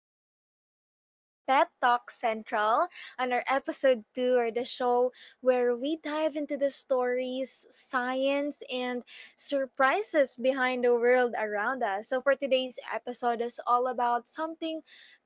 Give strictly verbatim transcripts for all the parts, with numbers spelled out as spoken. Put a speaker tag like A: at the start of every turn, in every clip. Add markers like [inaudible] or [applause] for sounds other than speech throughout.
A: welcome back to Pet Talk Central on our episode two or the show where we dive into the stories, science, and surprises behind the world around us. So for today's episode is all about something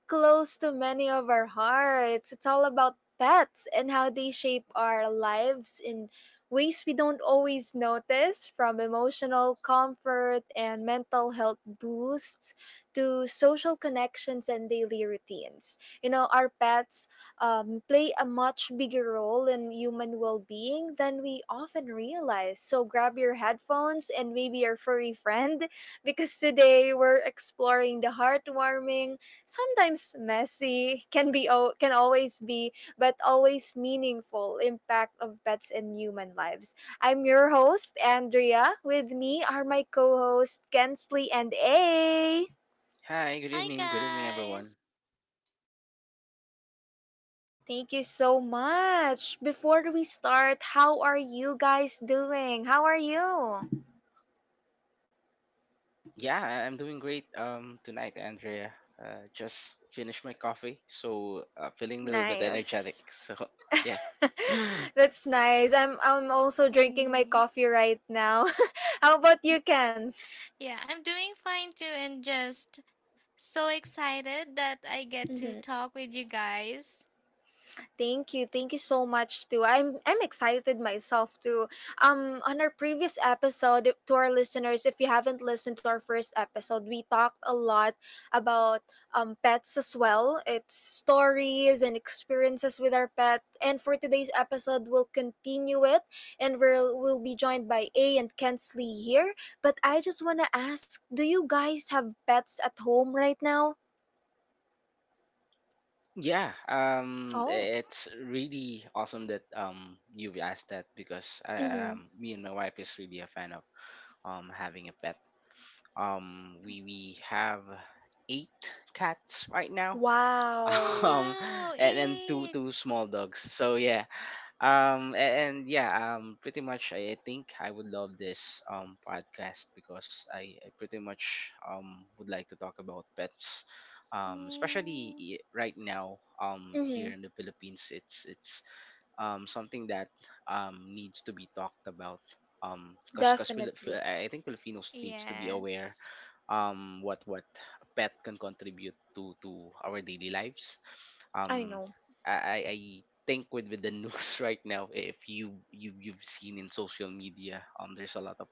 A: close to many of our hearts. It's all about pets and how they shape our lives in ways we don't always notice, from emotional comfort and mental health boosts to social connections and daily routines. You know, our pets um, play a much bigger role in human well being than we often realize. So grab your headphones and maybe your furry friend [laughs] because today we're exploring the heartwarming, sometimes messy, can be o- can always be but always meaningful impact of pets in human lives. I'm your host, Andrea. With me are my co hosts, Kensley and A.
B: Hi, good
C: Hi
B: evening. Good evening,
C: guys.
B: everyone.
A: Thank you so much. Before we start, how are you guys doing? How are you?
B: Yeah, I- I'm doing great um tonight, Andrea. Uh, just finished my coffee, so uh, feeling a little bit energetic.
A: Nice.
B: So [laughs] yeah, [clears throat] [gasps]
A: [laughs] That's nice. I'm I'm also drinking my
C: Mm.
A: coffee right now. [laughs] How about you, Kens?
C: Yeah, I'm doing fine too and just so excited that I get to talk with you guys.
A: Thank you. Thank you so much too. I'm I'm excited myself too. Um on our previous episode to our listeners, if you haven't listened to our first episode, we talked a lot about um pets as well. It's stories and experiences with our pet. And for today's episode, we'll continue it and we'll we'll be joined by A and Kensley here. But I just wanna ask, do you guys have pets at home right now?
B: yeah. Um,
A: Oh.
B: it's really awesome that um you've asked that, because I
A: Mm-hmm.
B: um me and my wife is really a fan of um having a pet. Um, we we have eight cats right now. [laughs]
C: Oh
A: Wow.
B: Um,
C: wow,
B: and then two
C: eight.
B: two small dogs. So yeah, um a- and yeah um pretty much I, I think I would love this um podcast, because i, I pretty much um would like to talk about pets, um especially
C: Mm.
B: i- right now. Um here
A: Mhm.
B: in the Philippines, it's it's um something that um needs to be talked about, um because because
A: Definitely.
B: i I think Filipinos needs to be aware
C: Yes.
B: um what what a pet can contribute to to our daily lives.
A: I
B: um
A: know.
B: i i I think, with, with the news [laughs] right now, if you, you you've seen in social media, um there's a lot of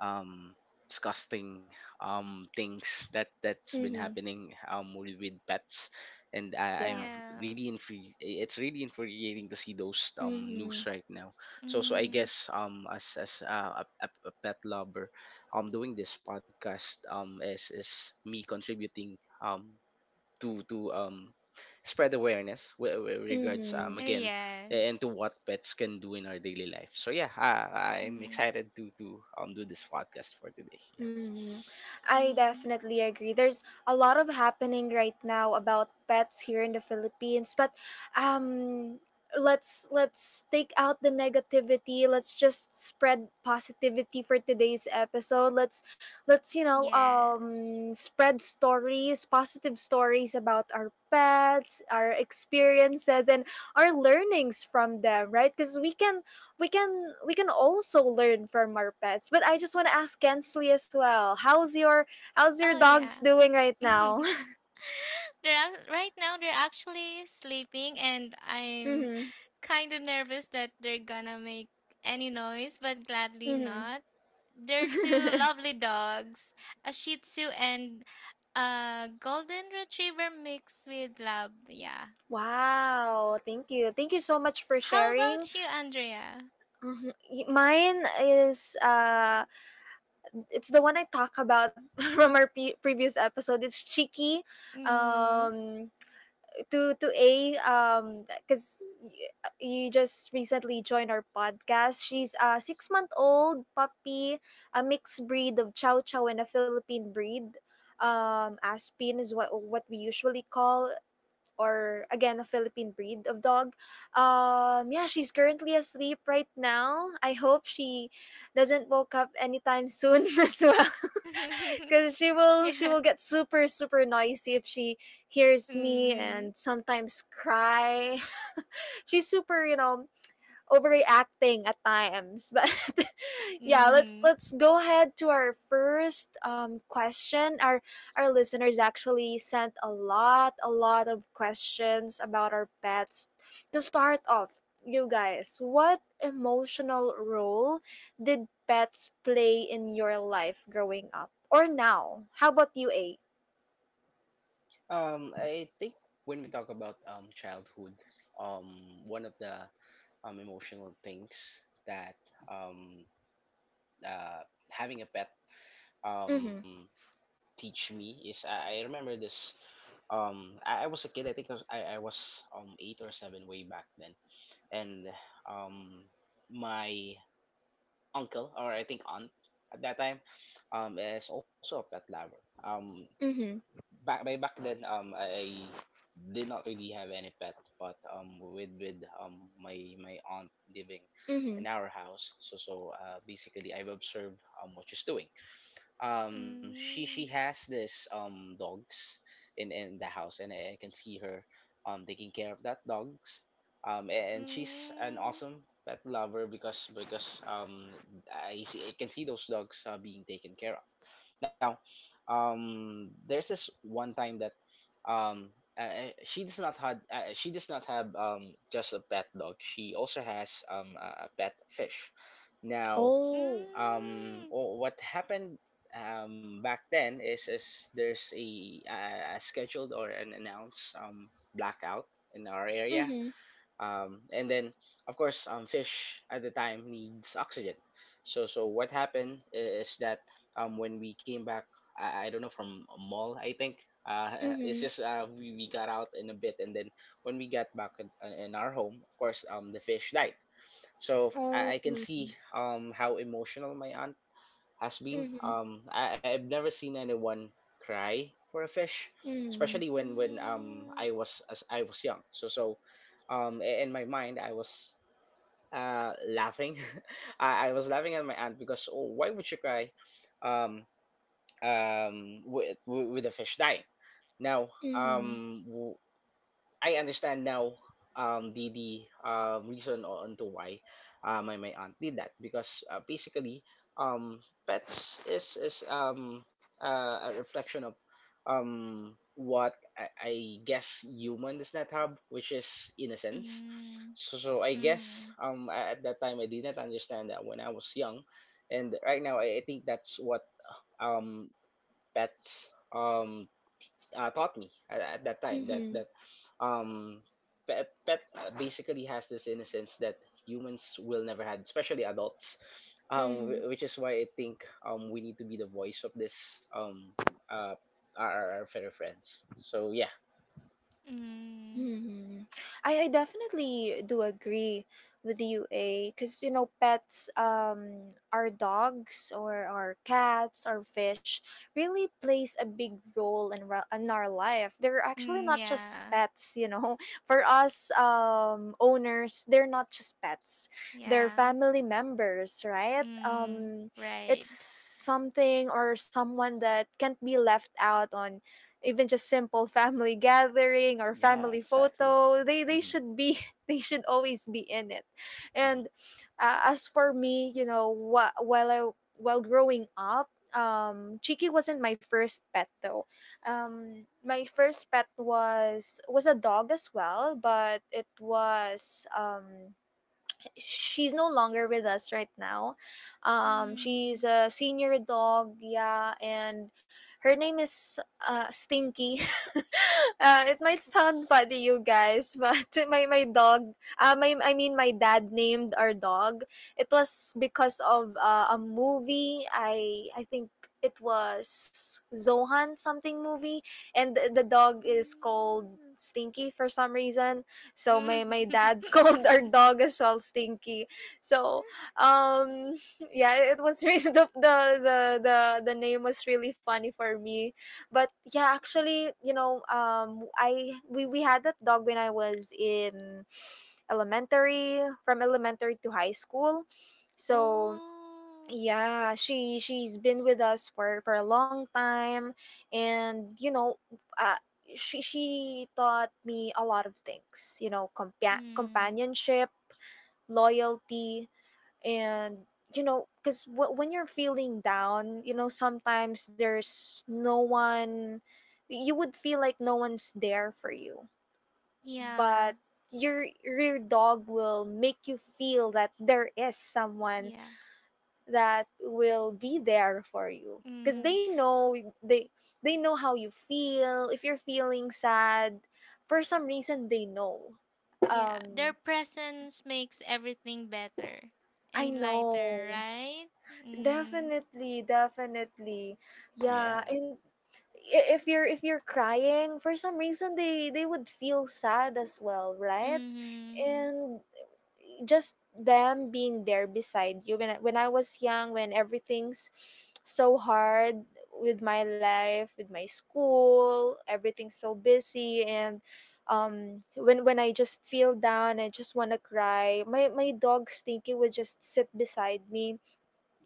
B: um disgusting, um things that that's been
A: Mm-hmm.
B: happening, um with, with pets. And I,
A: Yeah.
B: I'm
C: Yeah.
B: really infuri- it's really infuriating to see those um news
A: Mm-hmm.
B: right now. So so I
C: Mm.
B: guess, um as as uh, a, a a pet lover, um doing this podcast um is is me contributing um to to um spread awareness with regards, um
A: Mm-hmm.
C: uh,
B: again, a- and to
C: Yes.
B: what pets can do in our daily life. So yeah, I, I'm
C: Mm.
B: excited to to um do this podcast for today. Yeah.
A: Hmm. I
C: Mm.
A: definitely agree. There's a lot of happening right now about pets here in the Philippines, but um let's let's take out the negativity. Let's just spread positivity for today's episode. Let's let's you know
C: Yes.
A: um spread stories, positive stories about our pets, our experiences and our learnings from them, right? Cuz we can we can we can also learn from our pets. But I just want to ask Kensley as well. How's your how's
C: Oh
A: your
C: yeah.
A: dogs doing right
C: [laughs]
A: now?
C: They're ac- right now they're actually sleeping, and
A: [laughs]
C: I'm
A: Mhm.
C: kind of nervous that they're gonna make any noise, but gladly
A: Mhm.
C: not. They're two
A: [laughs]
C: lovely dogs, a Shih Tzu and a Golden Retriever mixed with Lab. Yeah.
A: Wow, thank you. Thank you so much for
C: How
A: sharing.
C: about you, Andrea?
A: Mhm. Y- Mine is uh it's the one I talk about [laughs] from our pe- previous episode. It's Cheeky.
C: Mm.
A: Um to to A um because you just recently joined our podcast. She's a six month old puppy, a mixed breed of Chow Chow and a Philippine breed. Um, Aspin is what what we usually call, or again a Philippine breed of dog. Um, yeah, she's currently asleep right now. I hope she doesn't woke up anytime soon [laughs] as well
C: [laughs]
A: because she will she
C: Yeah.
A: will get super super noisy if she hears me
C: Mm.
A: and sometimes cry. [laughs] She's super, you know, overreacting at times. [laughs] But yeah, let's
C: Mm-hmm.
A: let's go ahead to our first um, question. Our our listeners actually sent a lot a lot of questions about our pets. To start off, you guys, what emotional role did pets play in your life growing up or now? How about you, A?
B: Um, I think, when we talk about um childhood, um one of the um emotional things that um uh having a pet
A: Mm-hmm.
B: um teach me, is I, I remember this. Um I, I was a kid. I think I was, I, I was um eight or seven way back then. And um my uncle, or I think aunt, at that time um is also a pet lover. um
A: Mm-hmm.
B: back by back then, um I, I did not really have any pet, but um with with um my my aunt living
A: Mm-hmm.
B: in our house, so so uh, basically I've observed um what she's doing. Um she she
C: Mm.
B: has this um dogs in in the house, and I can see her um taking care of that dogs. Um and she's an
C: Mm.
B: awesome pet lover, because because um i see I can see those dogs, uh, being taken care of. Now, um there's this one time that, um uh, she does not had uh, she does not have um just a pet dog, she also has um a a pet fish. Now,
A: Oh.
C: Mm.
B: um wh- what happened um back then, is is there's a, uh, a scheduled or an announced um blackout in our area.
A: Mm-hmm.
B: Um and then, of course, um fish at the time needs oxygen. So so what happened i- is that, um when we came back, i, I don't know, from a mall I think. Uh [laughs] it's
A: Mm-hmm.
B: just, uh we, we got out in a bit, and then when we got back in, uh, in our home, of course, um the fish died. So
A: Oh.
B: I, I can see um how emotional my aunt has been.
A: Mm-hmm.
B: Um, I, I've never seen anyone cry for a fish,
A: Mm-hmm.
B: especially when when um
C: Mm.
B: I was as I was young. So so, um, i- in my mind I was uh laughing. [laughs] I, I was laughing at my aunt, because, oh, why would she cry, um um with with a fish dying. Now,
A: Mm-hmm.
B: um w- I understand now um the the um reason on to why, uh, my my aunt did that, because, uh, basically, um pets is is um uh, a reflection of um what I, I guess human does not have, which is innocence.
C: Mm,
B: So, so I guess,
C: mm,
B: um a- at that time I did not understand that when I was young. And right now I, I think that's what um pets um uh, taught me at, at that time, that
A: Mm-hmm.
B: that um pet pet uh, basically has this innocence that humans will never have, especially adults. Um,
A: Mm-hmm.
B: wh- which is why I think um we need to be the voice of this, um uh our, our our fellow friends. So yeah,
C: mm,
A: Mm-hmm. I, I definitely do agree with you, A, because you know, pets, um, our dogs or our cats or fish really plays a big role in, ra- in our life. They're actually
C: mm,
A: not just
C: yeah,
A: pets, you know. [laughs] For us, um, owners, they're not just pets. They're
C: yeah,
A: family members, right?
C: mm,
A: Um, it's
C: right.
A: something or someone that can't be left out on even just simple family gathering or
B: yeah,
A: family
B: exactly.
A: photo. they they
B: Mm-hmm,
A: should be [laughs] they should always be in it.
B: mm-hmm.
A: And uh, as for me, you know, wh- while I while growing up um chiki wasn't my first pet though. Um my first pet was was a dog as well, but it was um she's no longer with us right now. Um, she's
C: Mm,
A: a senior dog, yeah, and her name is uh, Stinky. [laughs] Uh, it might sound funny, you guys, but [laughs] my my dog, uh, my I mean my dad named our dog. It was because of uh, a movie. I I think it was Zohan something movie, and the, the dog is called
C: mm,
A: Stinky for some reason, so my my dad [laughs] called our
C: mm.
A: dog as well Stinky. So um [laughs] yeah, it was [laughs] really the the the the, the name was really funny for me. But yeah, actually, you know, um I we, we had that dog when I was in elementary, from elementary to high school.
C: [laughs]
A: So
C: Oh,
A: yeah, she she's been with us for for a long time, and you know, uh, she she taught me a lot of things. You know, compa-
C: mm,
A: companionship, loyalty, and you know, because w- when you're feeling down, you know, sometimes there's no one. You would feel like no one's there for you,
C: yeah,
A: but your your dog will make you feel that there is someone
C: yeah,
A: that will be there for you because
C: mm,
A: they know they they know how you feel. If you're feeling sad for some reason, they know.
C: yeah. Their
A: Um,
C: presence makes everything better
A: I
C: and
A: know,
C: lighter, right? Mm,
A: definitely definitely. Yeah.
B: Yeah,
A: And I- if you're if you're crying for some reason, they they would feel sad as well, right?
C: mm,
A: And just them being there beside you when I, when I was young, when everything's so hard with my life, with my school, everything's so busy and um when when I just feel down, I just want to cry. My my dog Stinky would just sit beside me,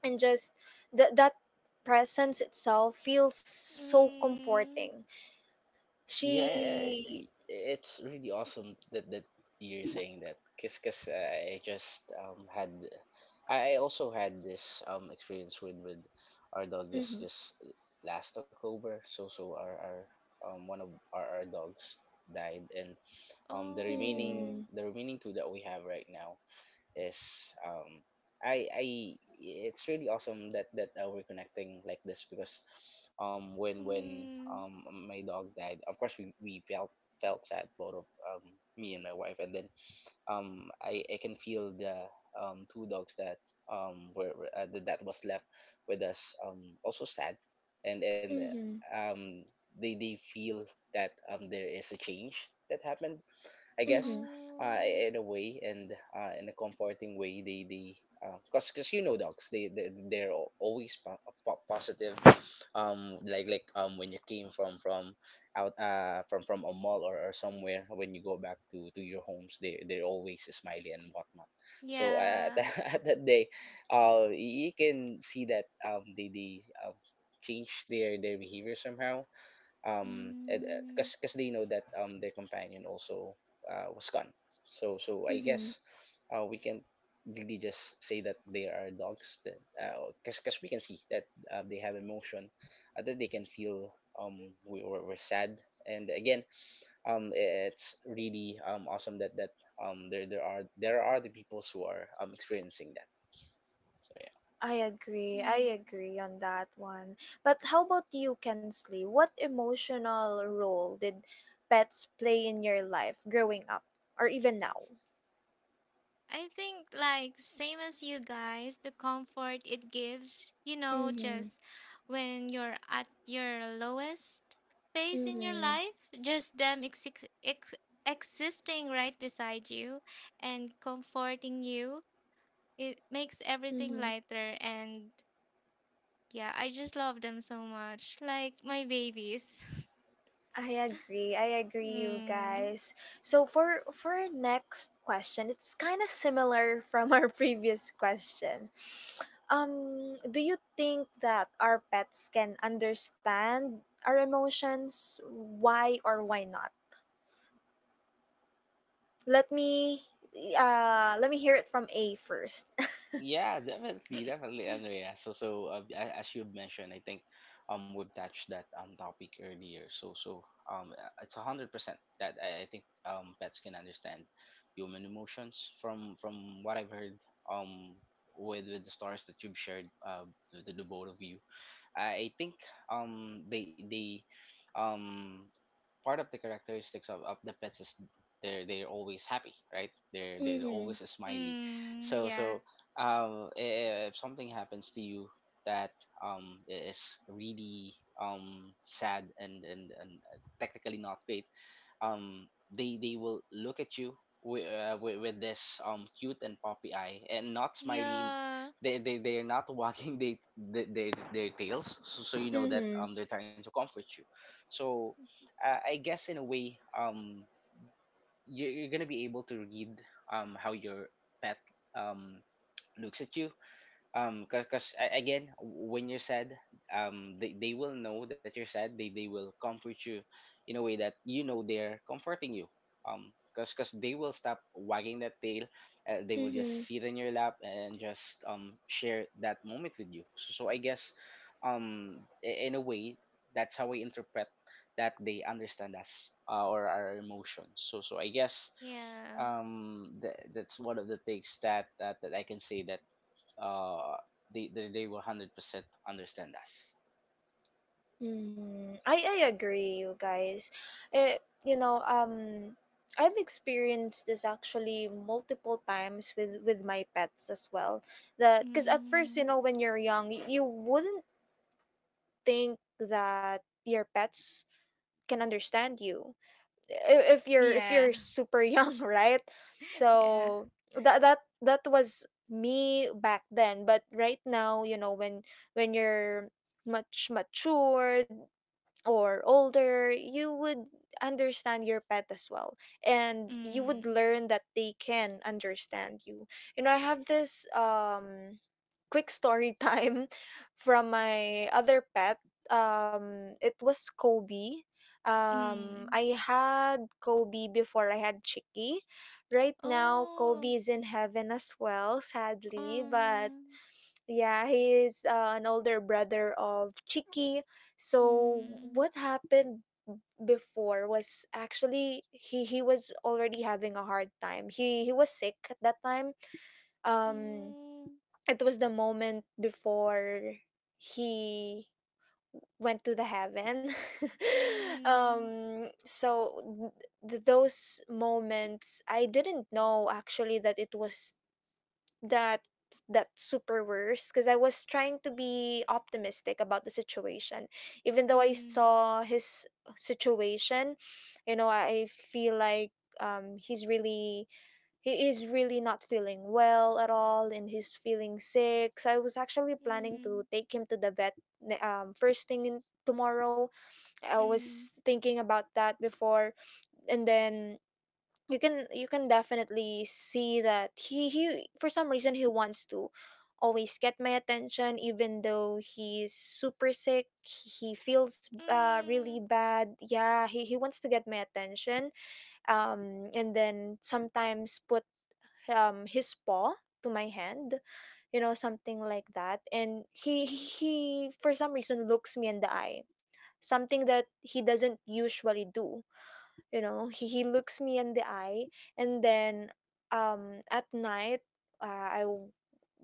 A: and just that that presence itself feels so
C: mm.
A: comforting.
B: yeah,
A: She.
B: i- it's really awesome that that you're saying that. Cause, 'cause uh, I just um had I I also had this um experience with with our dog, just
A: Mhm.
B: just last October. So so our our um one of our, our dogs died. And um the remaining
C: Oh,
A: Mhm.
B: the remaining two that we have right now is, um I I it's really awesome that that uh, we're connecting like this, because um when when
C: mm,
B: um my dog died, of course we we felt felt sad, both of, um me and my wife. And then, um I I can feel the um two dogs that, um were were- uh, that that was left with us, um also sad. and and uh,
A: Mhm.
B: um they they feel that um there is a change that happened, I guess,
A: Mhm.
B: uh,
C: oh.
B: in a way, and uh, in a comforting way. They they because because you know, dogs, they, they they're al- always po- po- positive. Um, like like um when you came from from out uh from from a mall, or, or somewhere, when you go back to to your homes, they they're always smiley and whatnot. So uh, [laughs] at,
C: Yeah.
B: that, at that day, uh, y- you can see that um they they um change their their behavior somehow, um
C: Mm.
B: because because they know that um their companion also, uh, was gone. So so I
A: Mhm.
B: guess, uh, we can really just say that they are dogs, that, because we can see that, uh, they have emotion, uh, that they can feel um we were, we're sad. And again, um it's really, um awesome that that um there there are there are the peoples who are um experiencing that. So yeah.
A: I agree. I
C: Hmm.
A: agree on that one. But how about you, Kensley? What emotional role did pets play in your life growing up or even now?
C: I think, like same as you guys, the comfort it gives, you know,
A: Mm-hmm.
C: just when you're at your lowest phase in your
A: Mm-hmm.
C: life, just them ex- ex- existing right beside you and comforting you, it makes everything
A: Mm-hmm.
C: lighter. And yeah, I just love them so much. Like my babies.
A: I agree. I
C: [laughs]
A: agree, you
C: Mm.
A: guys. So for for our next question, it's kind of similar from our [laughs] previous question. Um, do you think that our pets can understand our emotions? Why or why not? Let me uh let me hear it from A first. [laughs]
B: Yeah, definitely, definitely, Andrea. So, so uh, a- as you mentioned, I think um we've touched that um topic earlier. So, so um uh, it's a hundred percent that I, I think um pets can understand human emotions, from from what I've heard, um with with the stories that you've shared, uh the, the both of you. I, I think, um they they um part of the characteristics of, of the pets is, they're they're always happy, right? they're they're
A: Mhm.
B: always a smiley.
C: Mm.
B: so so
C: Yeah.
B: um i- if something happens to you, that, um is really, um sad, and and, and uh, technically not great, um they they will look at you with, uh, with, with this um cute and poppy eye, and not smiling.
C: Yeah.
B: They, they they're not [laughs] wagging they, they, their their tails, so, so you know that um
A: Mhm.
B: they're trying to comfort you. So uh, I guess in a way, um, you're, you're gonna be able to read um how your pet um looks at you, um because again, when you're sad, um they, they will know that you're sad, they they will comfort you in a way that you know they're comforting you, um because because they will stop wagging that tail. Uh, they will just
A: Mhm.
B: sit in your lap, and just um share that moment with you. So, so I guess, um i- in a way, that's how we interpret that they understand us, uh, or our emotions. So so I guess,
C: Yeah.
B: um th- that's one of the things that, that that I can say, that, uh, they, they they will hundred percent understand us.
A: Mhm. I I agree, you guys. Eh, you know, um I've experienced this actually multiple times with with my pets as well. That cuz at first, you
C: Mm.
A: know, when you're young, y- you wouldn't think that your pets can understand you. I- if you're if
C: Yeah.
A: you're
C: [laughs]
A: super young [laughs] right?
C: Yeah.
A: So that that that was me back then, but right now, you know, when when you're much matured or older, you would understand your pet as well. And you would
C: Mm.
A: learn that they can understand you. You know, I have this um quick story time [laughs] from my other pet. Um, it was Kobe. Um,
C: Mm.
A: I had Kobe before I had Chicky. Right now
C: Oh.
A: Kobe is in heaven as well, sadly, but
C: Um.
A: yeah, he is uh, an older brother of Chiki. So what
C: Mm.
A: happened before was actually he he was already having a hard time. He he was sick at that time. Um,
C: Mm.
A: it was the moment before he went to the heaven. [laughs]
C: Mm.
A: Um so th- those moments I didn't know actually that it was that that super worse, because I was trying to be optimistic about the situation. Even though I
C: Mm.
A: saw his situation, you know, I feel like um he's really he is really not feeling well at all and he's feeling sick. So I was actually planning to
C: Mm.
A: take him to the vet ne- um first thing in tomorrow. I was
C: Mm.
A: thinking about that before, and then you can you can definitely see that he he for some reason he wants to always get my attention. Even though he's super sick, he feels uh, really
C: Mm.
A: bad. Yeah, he, he wants to get my attention, um and then sometimes put um his paw to my hand, you know, something like that. And he he for some reason looks me in the eye, something that he doesn't usually do, you know. He, he looks me in the eye, and then um at night, uh, i w-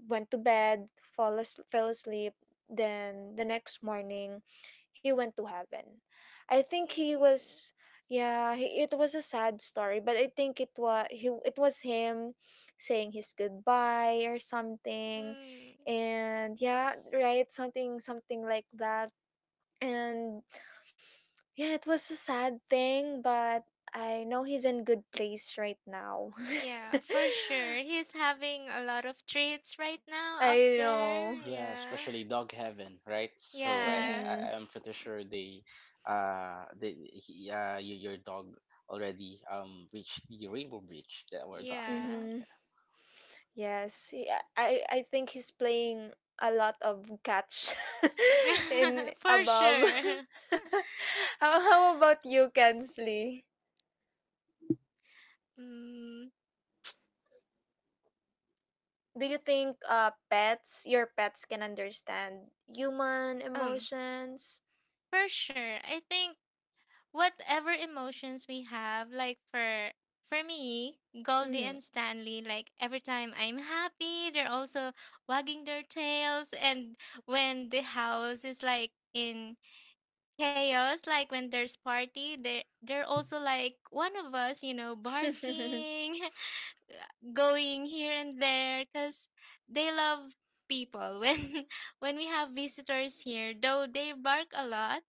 A: went to bed, fall as- fell asleep. Then the next morning, he went to heaven. I think he
C: Mm.
A: was, yeah, he, it was a sad story, but I think it was he it was him saying his goodbye or something.
C: Mm.
A: And yeah, right, something something like that. And yeah, it was a sad thing, but I know he's in good place right now.
C: Yeah, for sure.
A: [laughs]
C: He's having a lot of treats right now up
A: I
C: there.
A: know.
B: Yeah,
C: Yeah.
B: especially Dog Heaven, right? So I,
C: Yeah.
A: Mhm.
B: I I'm pretty sure they, uh, they he, uh, your, your dog already um reached the rainbow bridge that we're talking [laughs]
C: Yeah.
B: about.
A: Mhm. Yes. he- I I think he's playing a lot of catch [laughs]
C: [laughs]
A: in
C: For
A: above.
C: sure.
A: [laughs] how how about you, Kensley?
C: Mm.
A: Do you think uh pets, your pets can understand human
C: Um.
A: emotions?
C: For sure. I think whatever emotions we have, like for for me, Goldie
A: Mhm.
C: and Stanley. Like every time I'm happy, they're also wagging their tails, and when the house is like in chaos, like when there's party, they they're also like one of us, you know,
A: [laughs]
C: barking. [laughs] uh, Going here and there because they love people. [laughs] when when we have visitors here, though, they bark a lot.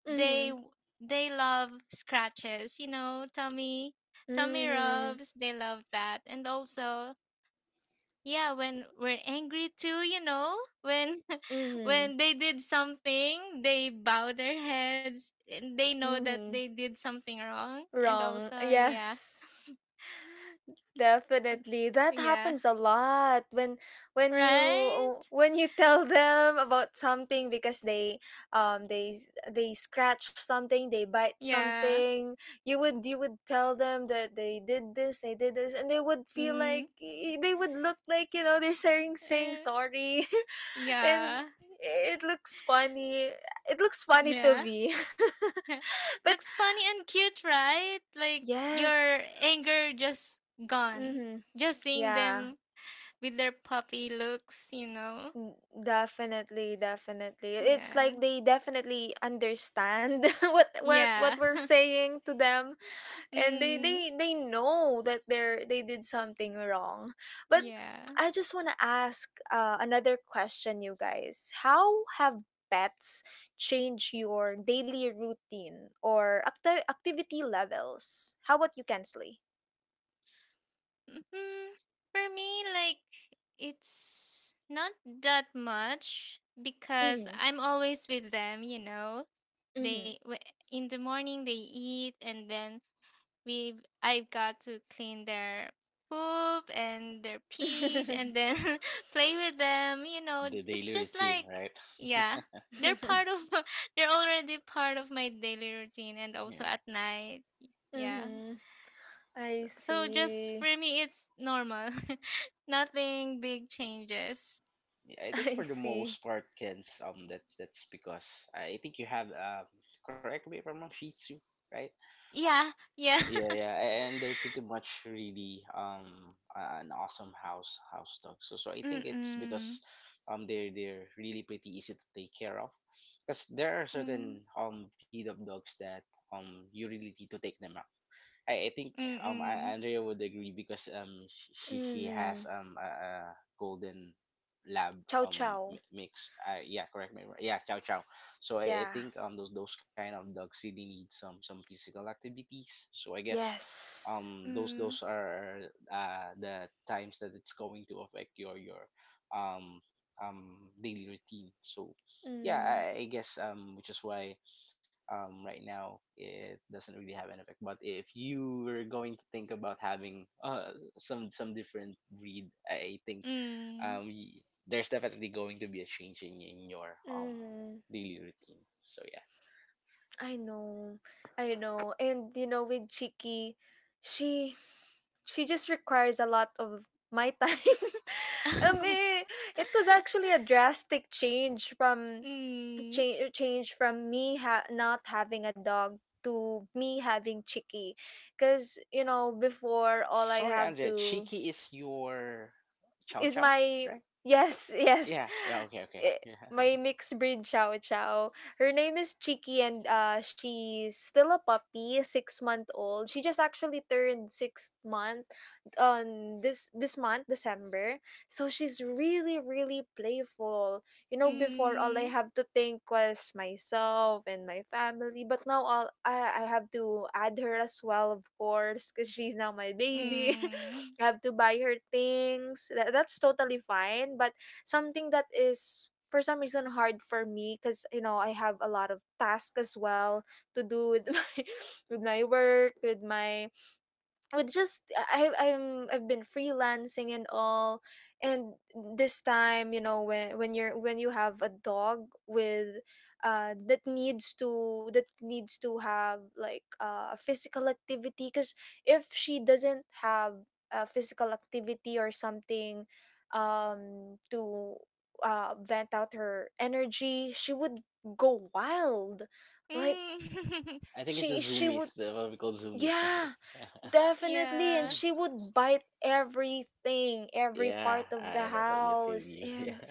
C: they they love scratches, you know tummy tummy
A: Mhm.
C: rubs. They love that. And also yeah, when we're angry too, you know when [laughs]
A: Mhm.
C: when
A: [laughs]
C: they did something, they bow their heads and they know that
A: Mm-hmm.
C: they did something wrong. And
A: Wrong.
C: also yeah,
A: Yes. Definitely. That
C: yeah,
A: happens a lot when when you oh,
C: right.
A: when you [laughs] tell them about something because they um they they scratch something, they bite
C: Yeah.
A: something. You would you would tell them that they did this, they did this, and they would feel
C: Mm.
A: like they would look like, you know, they're saying saying
C: Eh,
A: sorry. [laughs]
C: yeah.
A: And it looks funny. It looks funny to
C: Yeah.
A: me.
C: [laughs]
A: [laughs] But
C: Looks funny and cute, right? Like your
A: yes.
C: anger just gone.
A: Mhm.
C: Just seeing
A: Yeah.
C: them with their puppy looks, you know.
A: Mm, definitely, definitely. It's
C: Yeah.
A: like they definitely understand [laughs] what what
C: Yeah.
A: what we're
C: [laughs]
A: saying to them and they
C: Mm.
A: they they know that they're they did something wrong. But
C: Yeah.
A: I just want to ask uh, another question, you guys. How have pets change your daily routine or acti- activity levels? How about you, Kensley?
C: Hmm. For me, like it's not that much, because
A: Mhm.
C: I'm always with them, you know.
A: Mhm.
C: They w- in the morning they eat, and then we've I've got to clean their poop and their peas, and then [laughs] play with them. You know,
B: The
C: it's
B: daily
C: just
B: routine,
C: like
B: right?
C: yeah,
B: [laughs]
C: they're part of [laughs] they're already part of my daily routine, and also
B: Yeah.
C: at night. Yeah.
A: Mhm. [laughs]
C: So,
A: I
C: so just
A: see.
C: for me it's normal. [laughs] Nothing big changes.
B: Yeah,
A: [laughs]
B: I think
A: I
B: for the
A: see.
B: most part, Ken's, um, that's that's because I think you have, um, correct me if I'm wrong, Shih Tzu, right?
C: Yeah, yeah.
B: Yeah,
C: [laughs]
B: yeah, a- and they're pretty much really um a- an awesome house house dog. So so I think it's because
C: Mm-mm.
B: um they're they're really pretty easy to take care of, because there are
C: Mm.
B: certain um breed of dogs that, um you really need to take them. I, I think, um I,
C: Mm-mm.
B: Andrea would agree, because um sh- she she has
A: Mm.
B: um a, a golden lab
A: Chow
B: um
A: chow.
B: mi- mix, uh, yeah, correct me if I'm- yeah, chow chow. So I, I
A: Yeah.
B: think um those those kind of dogs really need some some physical activities. So I guess
A: Yes.
B: um those
C: Mm.
B: those are uh the times that it's going to affect your your um um daily routine. So
A: Mm.
B: yeah. I, I guess, um which is why, um, right now it doesn't really have an effect. But if you were going to think about having, uh, some some different breed, I think,
C: Mm.
B: um, y- there's definitely going to be a change in, in your um
A: Mm.
B: daily routine. So yeah.
A: I know. I know. And you know, with Chiki, she she just requires a lot of my time. [laughs] um,
C: [laughs]
A: eh, it was actually a drastic change from
C: Mm.
A: change change from me ha- not having a dog to me having Chiki, because you know before all I
B: Sorry,
A: have
B: Andrea.
A: to
B: Chiki is your chow
A: is
B: chow,
A: my
B: right?
A: yes, [laughs] yes.
B: Yeah. Yeah. Okay. Okay.
A: Eh,
B: Yeah.
A: my mixed breed chow chow, her name is Chiki, and uh she's still a puppy, six month old. She just actually turned six months on this this month, December. So she's really really playful. You know, before all I
C: Mm.
A: have to think was myself and my family, but now all i, I have to add her as well, of course, because she's now my baby. [laughs]
C: Mm.
A: I have to buy her things that, that's totally fine, but something that is for some reason hard for me, because you know I have a lot of tasks as well to do with [laughs] my with my work, with my with just I I'm I've been freelancing and all. And this time, you know, when when you're when you have a dog with uh that needs to that needs to have like uh, a physical activity, because if she doesn't have a physical activity or something um to uh vent out her energy, she would go wild like
C: Mm. [laughs]
B: I think it's
A: she
B: the
A: she would
B: zoomies, the what we call zoomies,
A: yeah,
B: right? [laughs]
A: definitely. And
C: Yeah.
A: she would bite everything, every
B: Yeah,
A: part of the
B: I definitely feel
A: house.
B: you.
A: And
B: [laughs]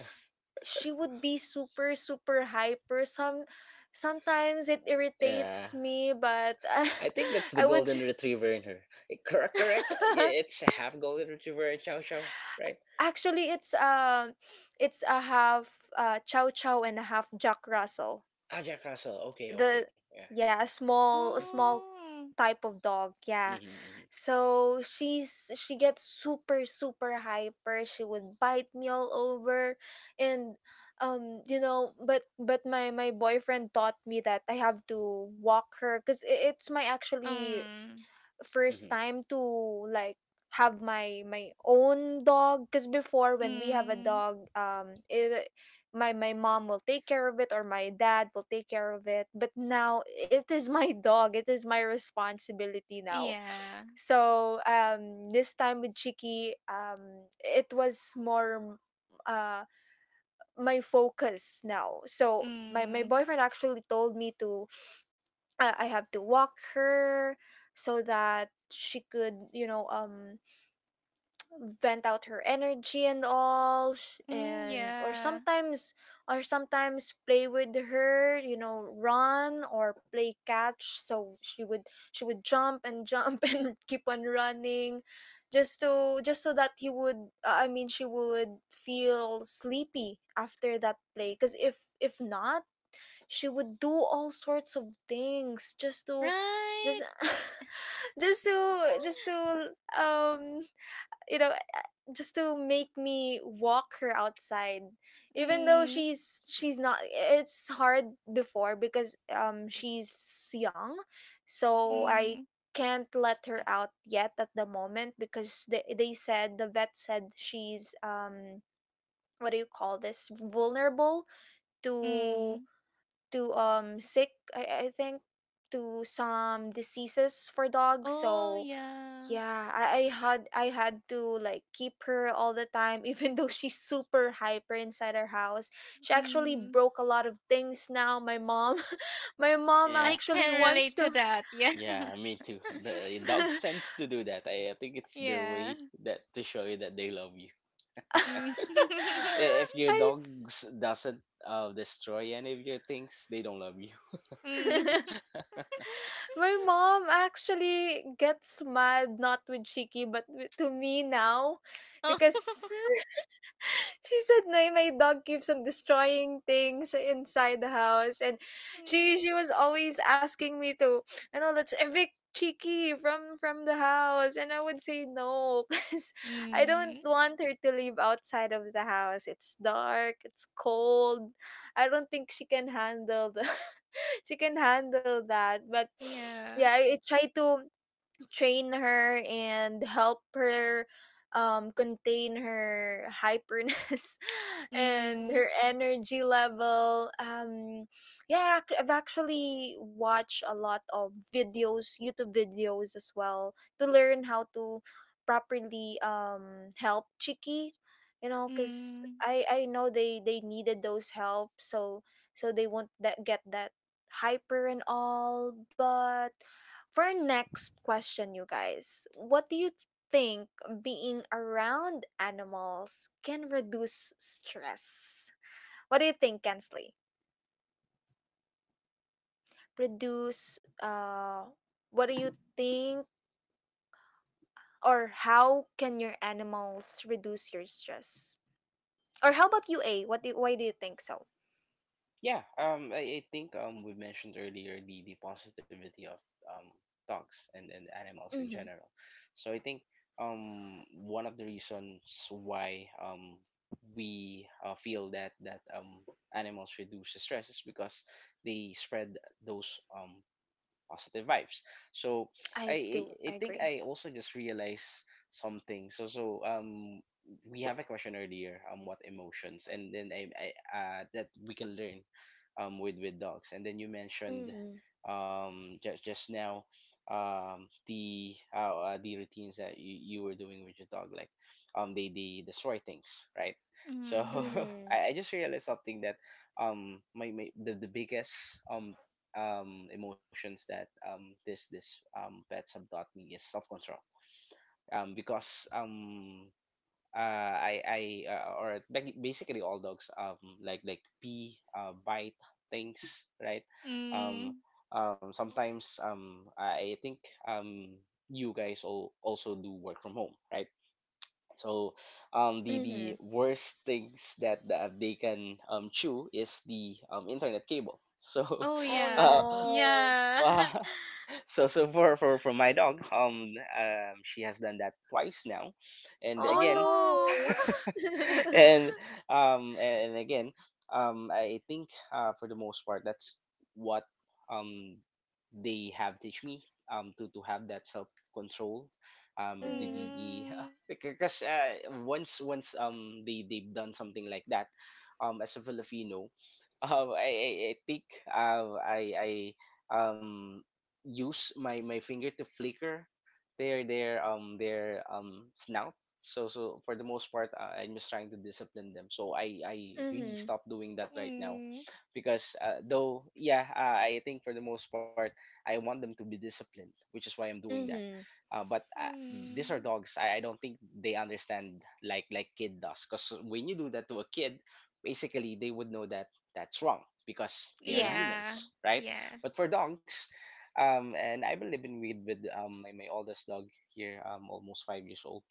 A: she would be super, super hyper. Some sometimes it
B: Yeah, yeah.
A: irritates me, but [laughs] I
B: I think that's the
A: I would
B: golden
A: just
B: retriever in her. Eh, Correct, correct. Uh, yeah,
A: [laughs]
B: it's a half golden retriever in Chow Chow, right?
A: actually, it's um it's a half uh chow chow and a half Jack Russell.
B: Ah, Jack Russell. Okay,
A: The
B: okay. Yeah, yeah.
A: yeah, a small, a small
C: Oh.
A: type of dog. Yeah.
B: Mm-hmm, mm-hmm.
A: So she's she gets super super hyper, she would bite me all over. And um you know, but but my my boyfriend taught me that I have to walk her, because it's my actually
C: Um.
A: first
B: Mm-hmm.
A: time to like have my my own dog. Because before when we have a
C: Mm.
A: dog, um it, my my mom will take care of it or my dad will take care of it, but now it is my [laughs] dog, it is my responsibility now.
C: Yeah.
A: So um this time with Chiki, um it was more uh my focus now. So my my
C: Mm.
A: boyfriend actually told me to uh, I have to walk her so that she could, you know, um vent out her energy and all sh-
C: Mm,
A: and or
C: yeah.
A: sometimes or sometimes play with her, you know, run or play catch, so she would she would jump and jump [laughs] and keep on running, just to just so that he would uh, I mean she would feel sleepy after that play. Because if if not, she would do all sorts of things just to just
C: Right.
A: [laughs] just to just
C: [laughs]
A: to um you know, uh, just to make me walk her outside, even though
C: Mm.
A: she's she's not. It's hard before because um she's young, so I
C: Mm.
A: can't let her out yet at the moment, because they, they said, the vet said, she's um what do you call this, vulnerable to
C: Mm.
A: to um sick, I, I think, to some diseases for dogs.
C: Oh,
A: So
C: yeah.
A: yeah, I, I had I had to like keep her all the time, [laughs] even though she's super hyper inside our house. She actually
C: Mm.
A: broke a lot of things. Now my mom, [laughs] my mom
C: I
B: Yeah,
A: actually
C: can
A: wants
C: relate
A: to
C: to that. Yeah.
B: yeah.
C: [laughs]
B: Me too. The dogs
A: [laughs]
B: tends to do that. I, I think it's their way
C: Yeah.
B: that to show you that they love you.
C: Mm.
B: [laughs] Eh,
C: [laughs]
B: if your
A: I,
B: dogs doesn't uh, destroy any of your things, they don't love you.
C: Mm.
A: [laughs]
C: [laughs]
A: my mom actually gets mad, not with Chiki, but with- to me now
C: Oh.
A: because
C: [laughs]
A: [laughs] she said, "No, my dog keeps on destroying things inside the house." And she she
C: Mm.
A: was always asking me to, you know, let's evict Cheeky from from the house. And I would say no, [laughs] because I don't
C: Mm.
A: want her to live outside of the house. It's dark, it's cold. I don't think she can handle the [laughs] she can handle that. But yeah,
C: Yeah.
A: I, I try to train her and help her um contain her hyperness [laughs] and
C: Mm.
A: her energy level. Um yeah, ac- I've actually watched a lot of videos, YouTube videos as well, to learn how to properly um help Chiki, you know, because
C: Mm.
A: i i know they they needed those help. So so they won't that get that hyper and all. But for our next question, you guys, what do you think, being around animals can reduce stress? What do you think, Kensley? Reduce, uh, what do you think, or how can your animals reduce your stress? Or how about you, A? What do, why do you think so?
B: Yeah, um, I, I think um, we mentioned earlier the, the positivity of um, dogs and, and animals in
A: Mm-hmm.
B: general. So I think um, one of the reasons why um, we uh, feel that that um, animals reduce the stress is because they spread those um, positive vibes, so I,
A: I do,
B: I i
A: I
B: think
A: agree.
B: I also just realized something, so so um we have a question earlier, um what emotions, and then i, I uh that we can learn um with with dogs, and then you mentioned
A: Mm-hmm.
B: um just just now um the uh, uh the routines that you, you were doing with your dog, like um they they destroy things, right? So
C: Mm.
B: [laughs]
A: Mm-hmm.
B: I, I just realized something that um my, my the, the biggest um um, emotions that um, this this um, pets have taught me is self control. Um, because um, uh, I I uh, or ba- basically all dogs um like like pee, uh, bite things, right? Um,
C: Mm.
B: um, sometimes um, I I think um, you guys all also do work from home, right? So um, the
A: Mm-hmm.
B: the worst things that, that they can um, chew is the um, internet cable. So
C: Oh,
A: Oh
B: [laughs]
C: yeah.
B: uh,
C: [laughs]
A: no.
B: [laughs]
C: Yeah. [laughs]
B: so so for for for my dog um um she has done that twice now and
A: Oh
B: again.
A: no.
C: Oh. [laughs]
B: [laughs] And um and again, um I think uh for the most part that's what um they have teach me um to to have that self control,
A: [laughs]
B: um the the,
A: mm-hmm.
B: the
C: Mm.
B: [laughs] because uh, once once um they they've done something like that, um as a filipino, [laughs] um i i, I think uh, I I um use my my finger to flicker their their um their um snout. So so for the most part I, I'm just trying to discipline them, so i i really
A: Mm-hmm.
B: stopped doing that right now.
C: Mm.
B: Because uh, though yeah uh, I think for the most part I want them to be disciplined, which is why I'm doing that,
A: Mm-hmm.
B: uh, but uh, these are
C: Mm.
B: dogs. I, I don't think they understand like like kid does, because when you do that to a kid, basically they would know that that's wrong because they are
A: Yes.
C: Yeah.
B: humans, right?
C: Yeah.
B: But for dogs um, and I've been living with with um, my, my oldest dog here, um, almost five years old.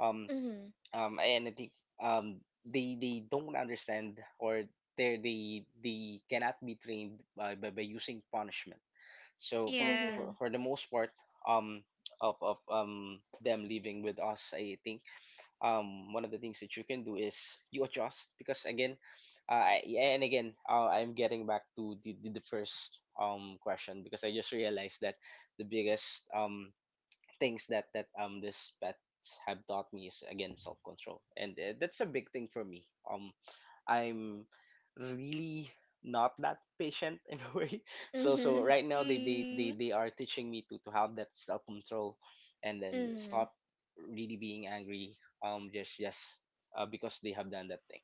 B: Um,
A: Mm-hmm.
B: um, and I think um, they they don't understand, or they they they cannot be trained by, by, by using punishment. So for,
C: Yeah.
B: for,
A: Mm-hmm.
B: for the most part, um, of, of um them living with us, I think um one of the things that you can do is you adjust. Because again, uh, I- and again, uh, I'm getting back to the, the, the first um question, because I just realized that the biggest um things that that um this pets have taught me is, again, self control, and uh, that's a big thing for me. Um, I'm really not that patient [laughs] in a way. [laughs] So so
A: Mm-hmm.
B: right now they they they,
C: Mm.
B: they are teaching me to to have that self control, and then stop really being angry. Um, just just uh, because they have done that thing.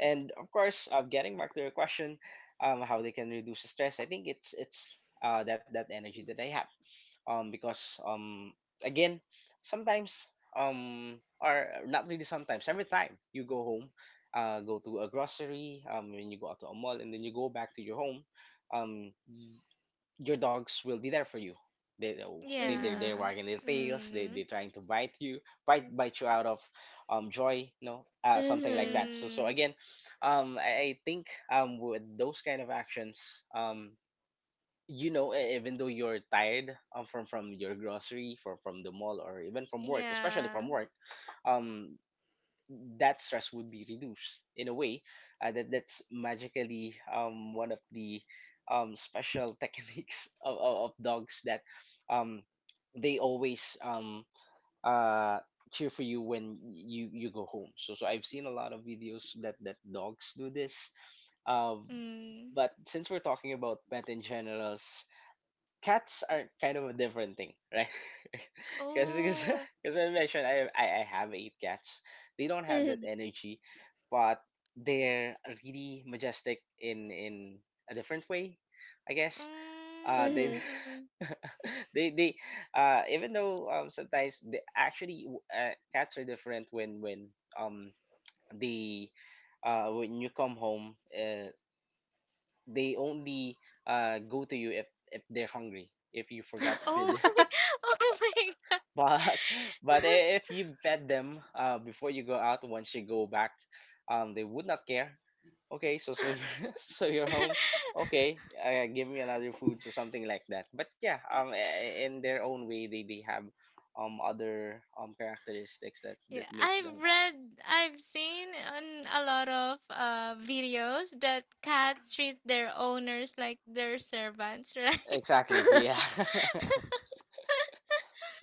B: And of course, uh, getting back to your question, um, how they can reduce the stress, I think it's it's uh that that energy that I have um because um again, sometimes um or not really sometimes, every time you go home, uh, go to a grocery, um when you go out to a mall, and then you go back to your home, um y- your dogs will be there for you. They they they
A: Mm-hmm.
B: they're
C: Yeah.
B: wagging their tails, they they
C: Mm.
B: trying to bite you, bite bite you out of um joy, you know, uh, something like
A: Mm-hmm.
B: that. So so
C: Mm.
B: again, um I, I think um with those kind of actions, um you know, e- even though you're tired um, from from your grocery, from from the mall, or even from work, especially from
C: Yeah.
B: work, um that stress would be reduced, in a way. Uh, that that's magically um one of the um special [laughs] techniques of, of, of dogs, that um they always um uh cheer for you when you you go home. So so I've seen a lot of videos that that dogs do this. um
C: Mm.
B: but since we're talking about pet in general, cats are kind of a different thing, right? [laughs] Because
C: Oh.
B: because I mentioned I, I I have eight cats. They don't have that
A: Mm-hmm.
B: energy, but they're really majestic in in a different way, I guess. Uh, they
A: Mm-hmm. [laughs]
C: Mm.
B: [laughs] they they uh even though um sometimes they actually w- uh, cats are different when when um the uh when you come home, uh, they only uh go to you if if they're hungry, if you forgot to
C: Oh
B: feed.
C: my. [laughs] Oh my
B: But [laughs] but I- if you fed them uh, before you go out, once you go back, um, they would not care. Okay, so so you're, [laughs] so you're
C: god.
B: home. Okay, uh, give me another food, so something like that. But yeah,
C: [laughs]
B: um, I- in their own way, they they have um other um characteristics that
C: Yeah,
B: that make them
C: I've
B: awesome.
C: read, I've seen on a lot of uh, videos that cats treat their owners like their servants, right? [laughs]
B: Exactly. Yeah. [laughs]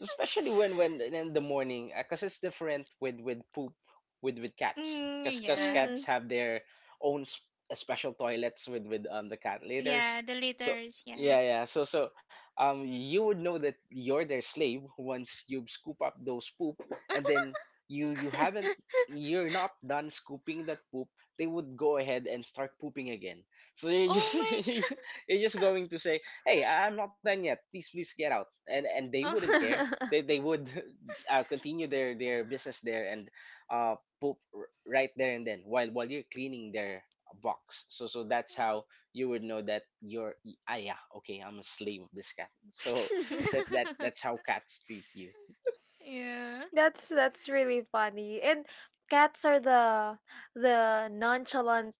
B: Especially when when in the morning, because it's different with with poop, with with cats,
C: Mm,
B: because
C: yeah.
B: cats
A: Mm-hmm.
B: have their own s- uh, special toilets with with um the cat litters.
C: Yeah, the
B: So
C: litters, yeah.
B: yeah, yeah so so um you would know that you're their slave once you scoop up those poop, and then you you haven't, you're not done scooping that poop, they would go ahead and start pooping again. So you're
C: Oh
B: just
C: my
B: [laughs]
C: god.
B: you're just going to say, hey, I- I'm not done yet, please, please, get out, and and they
C: [laughs]
B: wouldn't
C: Oh.
B: care. they, they would [laughs] uh, continue their, their business there, and uh, poop r- right there and then, while while you're cleaning their box. So so that's how you would know that you're ah yeah, okay, I'm a slave of this cat. So [laughs]
A: [laughs]
B: that that
C: [laughs]
B: that's how cats treat you.
C: Yeah.
A: that's that's really funny. And cats are the the nonchalant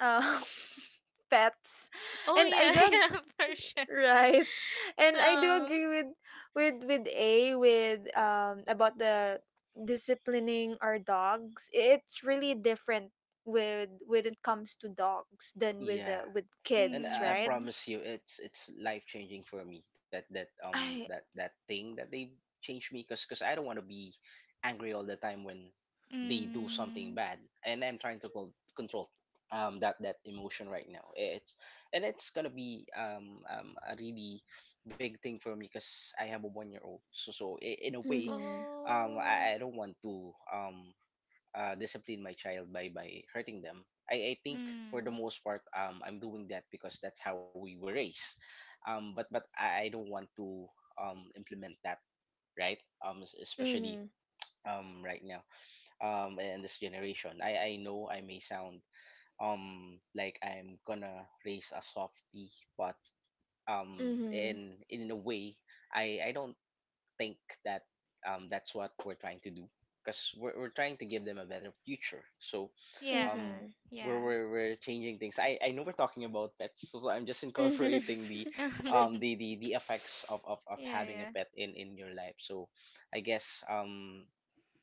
A: uh, [laughs] pets.
C: Oh
A: And I
C: yeah, [laughs]
A: do
C: yeah, for sure.
A: right. And I do
C: So,
A: agree with with with A with um about the disciplining our dogs. It's really different with when it comes to dogs than with
B: Yeah.
A: the with
B: And
A: kids,
B: I I
A: right?
C: mm,
B: promise you, it's it's life changing for me. That that um
A: I
B: that that thing that they changed me, cause, cause I don't want to be angry all the time when they do something
C: mm,
B: bad, and I'm trying to col- control um that that emotion right now. It's, and it's gonna be um um a really big thing for me, cause I have a one year old. So so I- in a way,
A: mhm,
B: um I,
C: oh,
B: I don't want to um uh, discipline my child by by hurting them. I, I think for the
C: mm,
B: most part, um, I'm doing that because that's how we were raised. Um, but but I, I don't want to um, implement that, right. Um, es- especially
A: mhm,
B: um, right now um, in this generation. I, I know I may sound um like I'm gonna raise a softie, but um
A: mhm,
B: in in a way I I don't think that um, that's what we're trying to do, because we're, we're trying to give them a better future. So um
C: yeah,
A: mhm,
B: we're,
C: yeah.
B: we're, we're changing things. I, I know we're talking about pets, so so I'm just [laughs]
A: mhm.
B: incorporating the
A: [laughs]
C: [laughs] Yeah,
B: um the the, the effects of, of, of having a
C: yeah,
B: pet in in your life. So I guess um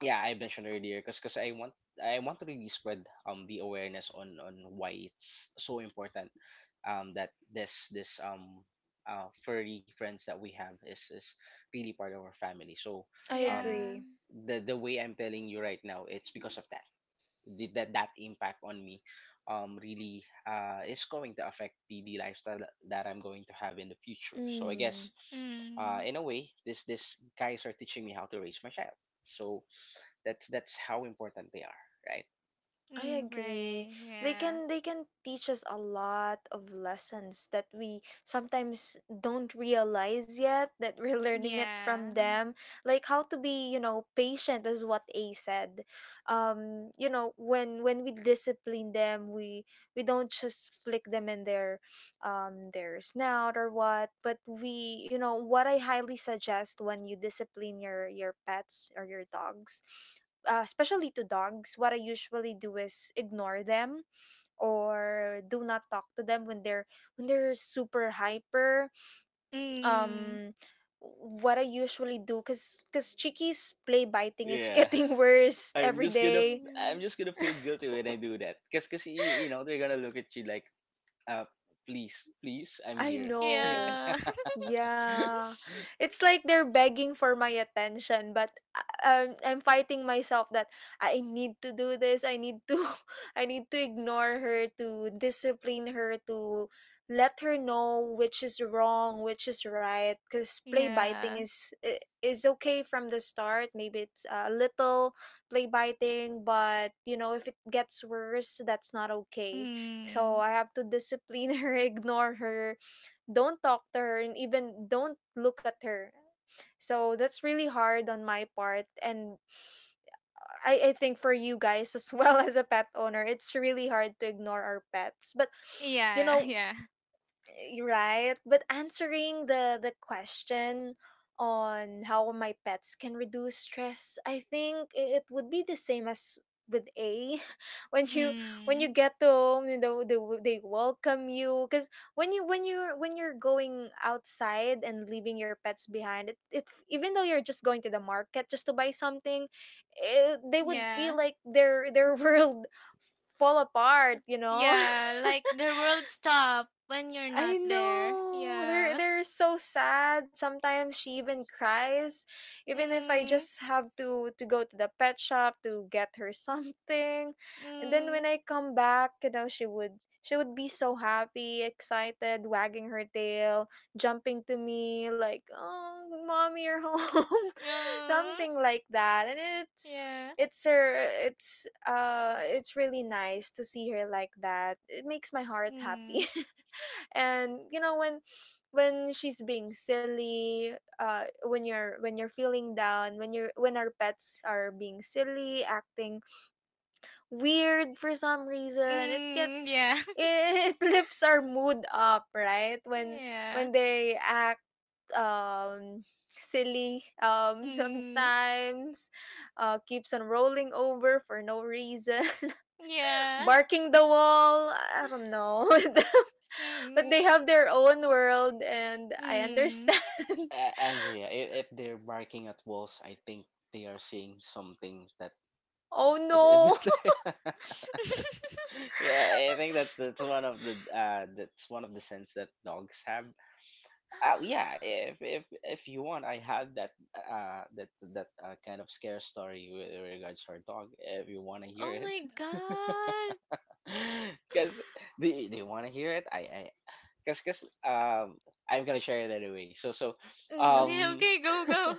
B: yeah, I mentioned earlier, because cause i want i want to really spread um the awareness on on why it's so important, um that this this um uh furry friends that we have is is really part of our family. So
A: I
B: um
C: yeah.
A: agree.
B: the the way I'm telling you right now, it's because of that, the, that that impact on me um really uh is going to affect the, the lifestyle that that I'm going to have in the future. So I
A: Mm.
B: guess uh, in
C: Mm.
B: a way, this this guys are teaching me how to raise my child. So that's that's how important they are, right?
A: I
C: Mm,
A: agree.
C: right.
A: They
C: Yeah.
A: can they can teach us a lot of lessons that we sometimes don't realize yet that we're [laughs] learning it
C: Yeah.
A: from them. Like how to be, you know, patient, is what A said. Um, you know, when when we discipline them, we we don't just flick them in their um their snout or what, but we, you know, what I highly suggest when you discipline your your pets or your dogs, uh, especially to dogs, what I usually do is ignore them or do not talk to them when they're when they're super hyper.
C: Mm.
A: Um, what I usually do, cause cause Chiki's play biting is [laughs]
B: Yeah.
A: getting worse
B: I'm
A: every
B: just gonna
A: day.
B: f- I'm
C: Mm.
B: just gonna feel guilty
A: [laughs]
B: when I do that. Cause, cause y- you know they're gonna look at you like uh, please please, I'm
A: I
B: here. [laughs]
A: know.
C: Yeah.
B: Like [laughs]
A: Yeah.
C: [laughs]
A: It's like they're begging for my attention, but uh, um, I'm I'm fighting myself that I need to do this. I need to [laughs] I need to ignore her, to discipline her, to let her know which is wrong, which is right, cuz play biting
C: Yeah.
A: is i- is okay from the start. Maybe it's a little play biting, but you know, if it gets worse, that's not okay. So
C: Mm.
A: I have to discipline [laughs] her, ignore her, don't talk to her, and even don't look at her. So that's really hard on my part. And I, I think for you guys as well, [laughs] as a pet owner, it's really hard to ignore our pets. But you
C: Yeah.
A: know,
C: [laughs]
A: you're right. But answering the the question on how my pets can reduce stress, I think i- it would be the same as with a [laughs] when
C: Yeah.
A: you when you
C: Mm.
A: get home. You know they, w- they welcome you, because when you when you when you're going outside and leaving your pets behind, it, it even though you're just going to the market just to buy something, eh, they would
C: Yeah.
A: feel like their their [laughs] world fall
C: S-
A: apart, you know. [laughs]
C: yeah. Like the world stop when you're
A: I
C: not there.
A: know. They're
C: Yeah.
A: they're so sad. Sometimes she even cries. Even if I
C: Mm.
A: just have to to go to the pet shop to get her [laughs] something. And then
C: Mm.
A: when I come back, you know, she would she would be so happy, excited, wagging her tail, jumping to me like, "Oh, mommy, you're home." [laughs]
C: Mm.
A: Something like that. And it's
C: Yeah.
A: it's her it's uh it's really nice to see her like that. It makes my heart happy.
C: Mm.
A: And you know when when she's being silly, uh when you're when you're feeling down, when you're when our pets are being silly, acting weird for some reason, it
C: Mm.
A: gets
C: Yeah.
A: [laughs] it lifts our mood up, right,
C: [laughs]
A: when
C: Yeah.
A: when they act um silly, um [laughs]
C: Mm.
A: sometimes uh keeps on rolling over for no reason, [laughs]
C: Yeah.
A: barking the wall, I don't
C: [laughs]
A: know. [laughs] But they
C: Mm.
A: have their own world and I
C: Mm.
A: understand. [laughs]
B: uh, Andrea, if, if they're barking at walls, I think they are seeing something that,
A: oh
B: Is is
A: no.
B: that? [laughs]
C: [laughs]
B: Yeah, I think that that's one of the uh, that's one of the sense that dogs have. Uh, yeah, if if if you want, I have that uh that that uh, kind of scare story with regards to our dog. If you want to hear
C: Oh
B: it,
C: my god.
B: [laughs] because do you, do you want to hear it? I I because because um I'm gonna share it anyway. So so
A: [laughs] Mhm.
C: Okay,
B: um
C: okay, go, go.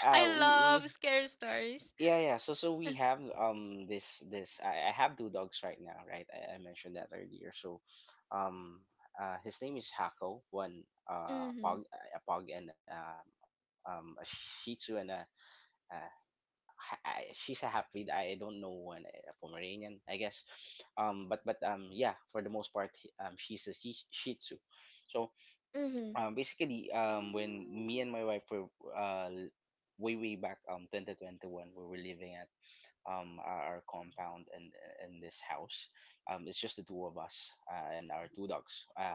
B: uh
C: I
B: we, we
C: love scare stories.
B: yeah, yeah. So, so we have um this this I, I have two dogs right now, right? I, I mentioned that earlier. So, um, uh, his name is Hako, one uh pug, a pug, and uh, um a Shih Tzu and a, uh ha- I- she's a half-breed. I don't know when a Pomeranian, I guess. Um, but but um yeah, for the most part, he- um she's a Shih, Shih Tzu. So
A: Mhm.
B: um basically um when me and
C: Mm,
B: my wife were uh way way back um twenty twenty-one, we were living at um, our, our compound and in this house. Um, it's just the two of us uh, and our two dogs. Uh,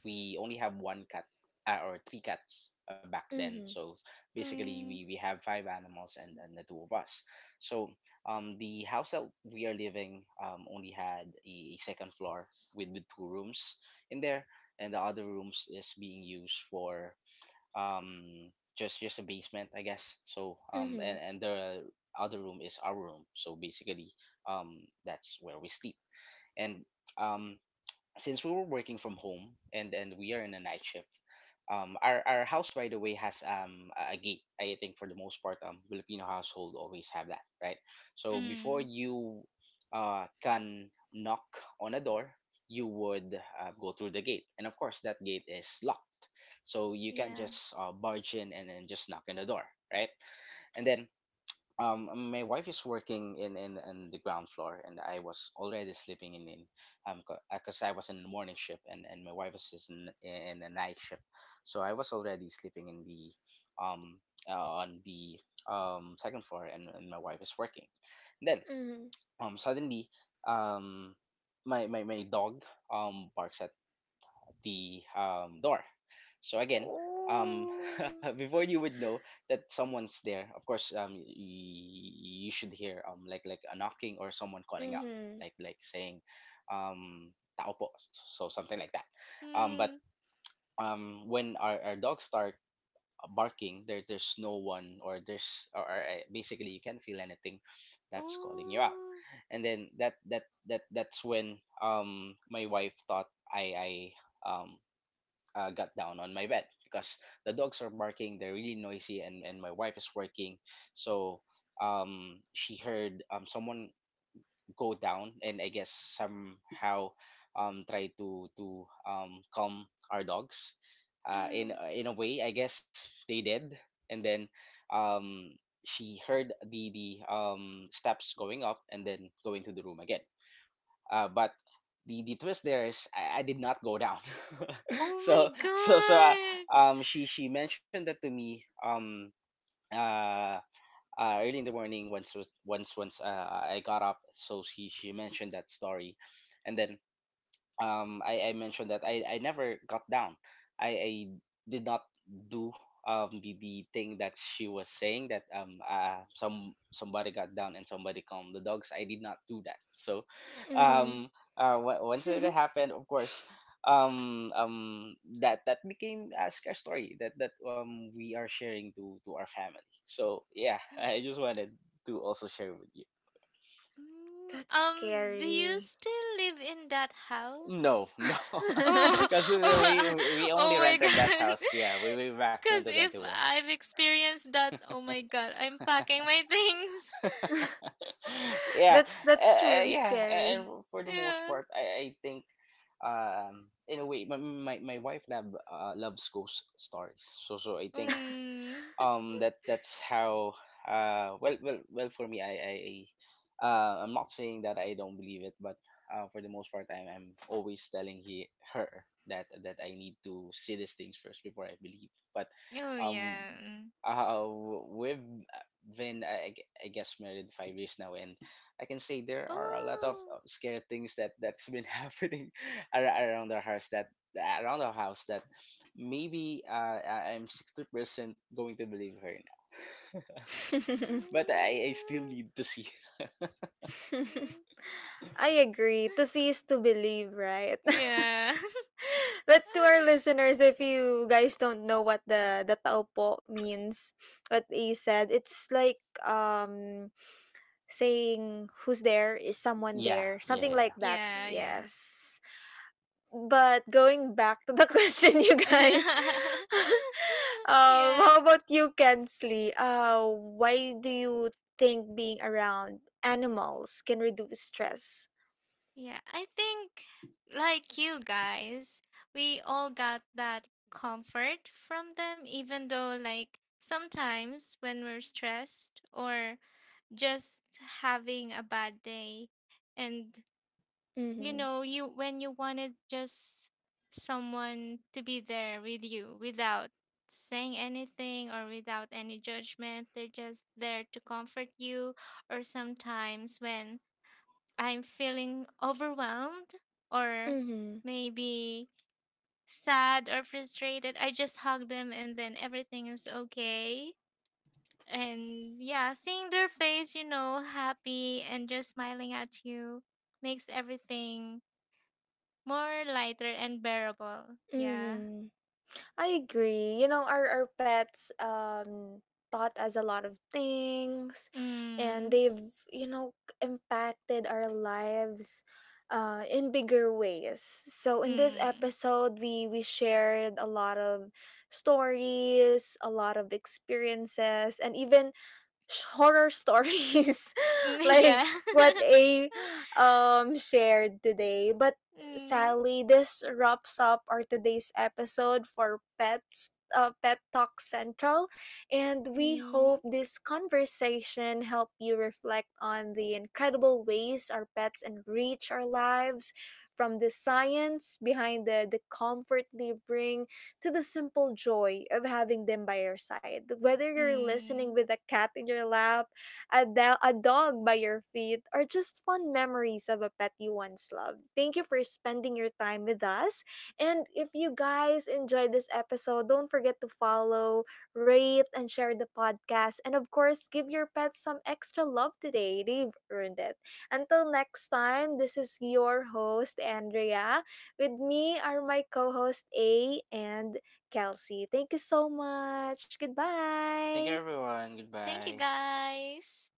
B: we only have one cat uh, or three cats uh, back then.
A: Mhm.
B: So basically, we,
C: mm,
B: we have five animals and, and the two of us. So um, the house that we are living um, only had a, a second floor with, with two rooms in there, and the other rooms is being used for um just just a basement, I guess. So um
A: Mhm.
B: and,
A: Mhm.
B: and the other room is our room, so basically um that's where we sleep. And um since we were working from home, and and we are in a night shift, um our, our house, by the way, has um a a gate. I think for the most part, um Filipino household always have that, right? So before
C: mm,
B: you uh can knock on a door, you would uh, go through the gate, and of course that gate is locked, so you can't
C: yeah.
B: just uh, barge in and then just knock on the door, right? And then, um, my wife is working in, in, in the ground floor, and I was already sleeping in in um because I was in the morning shift, and, and my wife is in, in a night shift. So I was already sleeping in the um uh, on the um second floor, and, and my wife is working. Then
A: Mhm.
B: um suddenly um my, my, my dog um barks at the um, door. So again, um,
A: Ooh.
B: [laughs] before you would know that someone's there, of course, um, y- y- you should hear um, like like a knocking or someone calling out,
A: Mhm.
B: like like saying, um, "Tao po," so something like that. Um, but
C: Mm,
B: um, when our, our dogs start barking, there there's no one or there's or, or uh, basically you can't feel anything that's calling you out.
C: oh,
B: And then that that that that's when um my wife thought i i um uh, got down on my bed because the dogs are barking. They're really noisy, and, and my wife is working. So um, she heard um, someone go down, and I guess somehow um, try to to um, calm our dogs. Uh, in
C: mm.
B: in a way, I guess they did, and then um, she heard the the um, steps going up and then going to the room again. Uh, but the, the twist there is I, I did not go down. [laughs]
C: Oh my
B: so so so uh,
C: god.
B: um she she mentioned that to me um uh, uh early in the morning once was once once uh, I got up. So she she mentioned that story, and then um I, I mentioned that I, I never got down. I, I did not do um the, the thing that she was saying, that um uh some somebody got down and somebody calmed the dogs. I did not do that. So
A: Mhm.
B: um uh wh- once it
A: [laughs]
B: happened, of course, um um that that became a scare story that that um we are sharing to to our family. So yeah, [laughs] I just wanted to also share with you.
C: Mm,
A: that's
C: um, do you
A: scary.
C: still live in that
B: No,
C: house?
B: no, [laughs]
C: Oh, [laughs]
B: because
A: [laughs]
B: we
C: oh,
B: we
C: [laughs]
B: only
C: oh my
B: rented that
C: god. [laughs]
B: house. Yeah, we way back
C: Because
B: twenty
C: if
B: twenty one.
C: I've experienced that, oh my god, I'm packing my things.
B: [laughs]
C: [laughs]
B: yeah,
A: that's
B: uh,
A: that's
B: uh,
A: really
B: yeah, a- and
A: scary.
B: for the most
C: Yeah.
B: part, I, I think, um, in a way, my my, my wife love uh, loves ghost stories. So so I think
C: Mm. [laughs]
B: um that that's how uh well well well, for me, i i uh, I'm not saying that I don't believe it, but uh, for the most part I'm, I'm always telling he her that that I need to see these things first before I believe. But
C: Oh,
B: um
C: yeah. Mm.
B: uh, we've been, I, I guess, married five years now, and I can say there are a lot of
C: Oh.
B: uh, scary things that that's been [laughs] happening ar- around our house that around our house that maybe uh, I- I'm sixty percent going to believe her now.
A: [laughs]
B: But I, I still
C: Mm.
B: need to see. [laughs]
C: Mm.
A: I agree. To see is to believe, right? [laughs]
C: Yeah.
A: But to our
C: [laughs]
A: listeners, if you guys don't know what the the tao po means, what he said, it's like um saying who's there, is someone
B: Yeah,
A: there,
B: yeah,
A: something
B: yeah.
A: like that.
C: Yeah,
B: hmm
C: yeah.
A: Yes. But going back to the [laughs] question, you guys,
C: [laughs]
A: [laughs] um,
C: Yeah.
A: how about you, Kensley? Uh, why do you think being around animals can reduce stress?
C: Yeah. I think, like you guys, we all got that comfort from them, even though, like, sometimes when we're stressed or just having a bad day, and you
A: Mhm.
C: know you when you wanted just someone to be there with you without saying anything or without any judgment, they're just there to comfort you. Or sometimes when I'm feeling overwhelmed or
A: Mhm.
C: maybe sad or frustrated, I just hug them, and then everything is okay. And yeah, seeing their face, you know happy and just smiling at you, makes everything more lighter and bearable, yeah.
A: Mhm. I agree. You know, our, our pets um taught us a lot of things, and
C: Mm,
A: they've, you know, impacted our lives uh in bigger ways. So in this
C: mm,
A: episode we we shared a lot of stories, a lot of experiences, and even horror stories
C: [laughs]
A: [laughs] like
C: yeah.
A: what
C: [laughs]
A: A um shared today. But
C: Mm,
A: Sally, this wraps up our today's episode for pets, uh, Pet Talk Central, and we
C: mm,
A: hope this conversation help you reflect on the incredible ways our pets enrich our lives, from the science behind the the comfort they bring to the simple joy of having them by your side. Whether you're
C: mm.
A: listening with a cat in your lap, a, do- a dog by your feet, or just fond memories of a pet you once loved, thank you for spending your time with us. And if you guys enjoyed this episode, don't forget to follow, rate, and share the podcast. And of course, give your pets some extra love today. They've earned it. Until next time, this is your host, Andrea. With me are my co host A and Kelsey. Thank you so much.
B: Thank
A: Goodbye.
B: you, everyone.
C: Thank you,
B: Goodbye.
C: guys.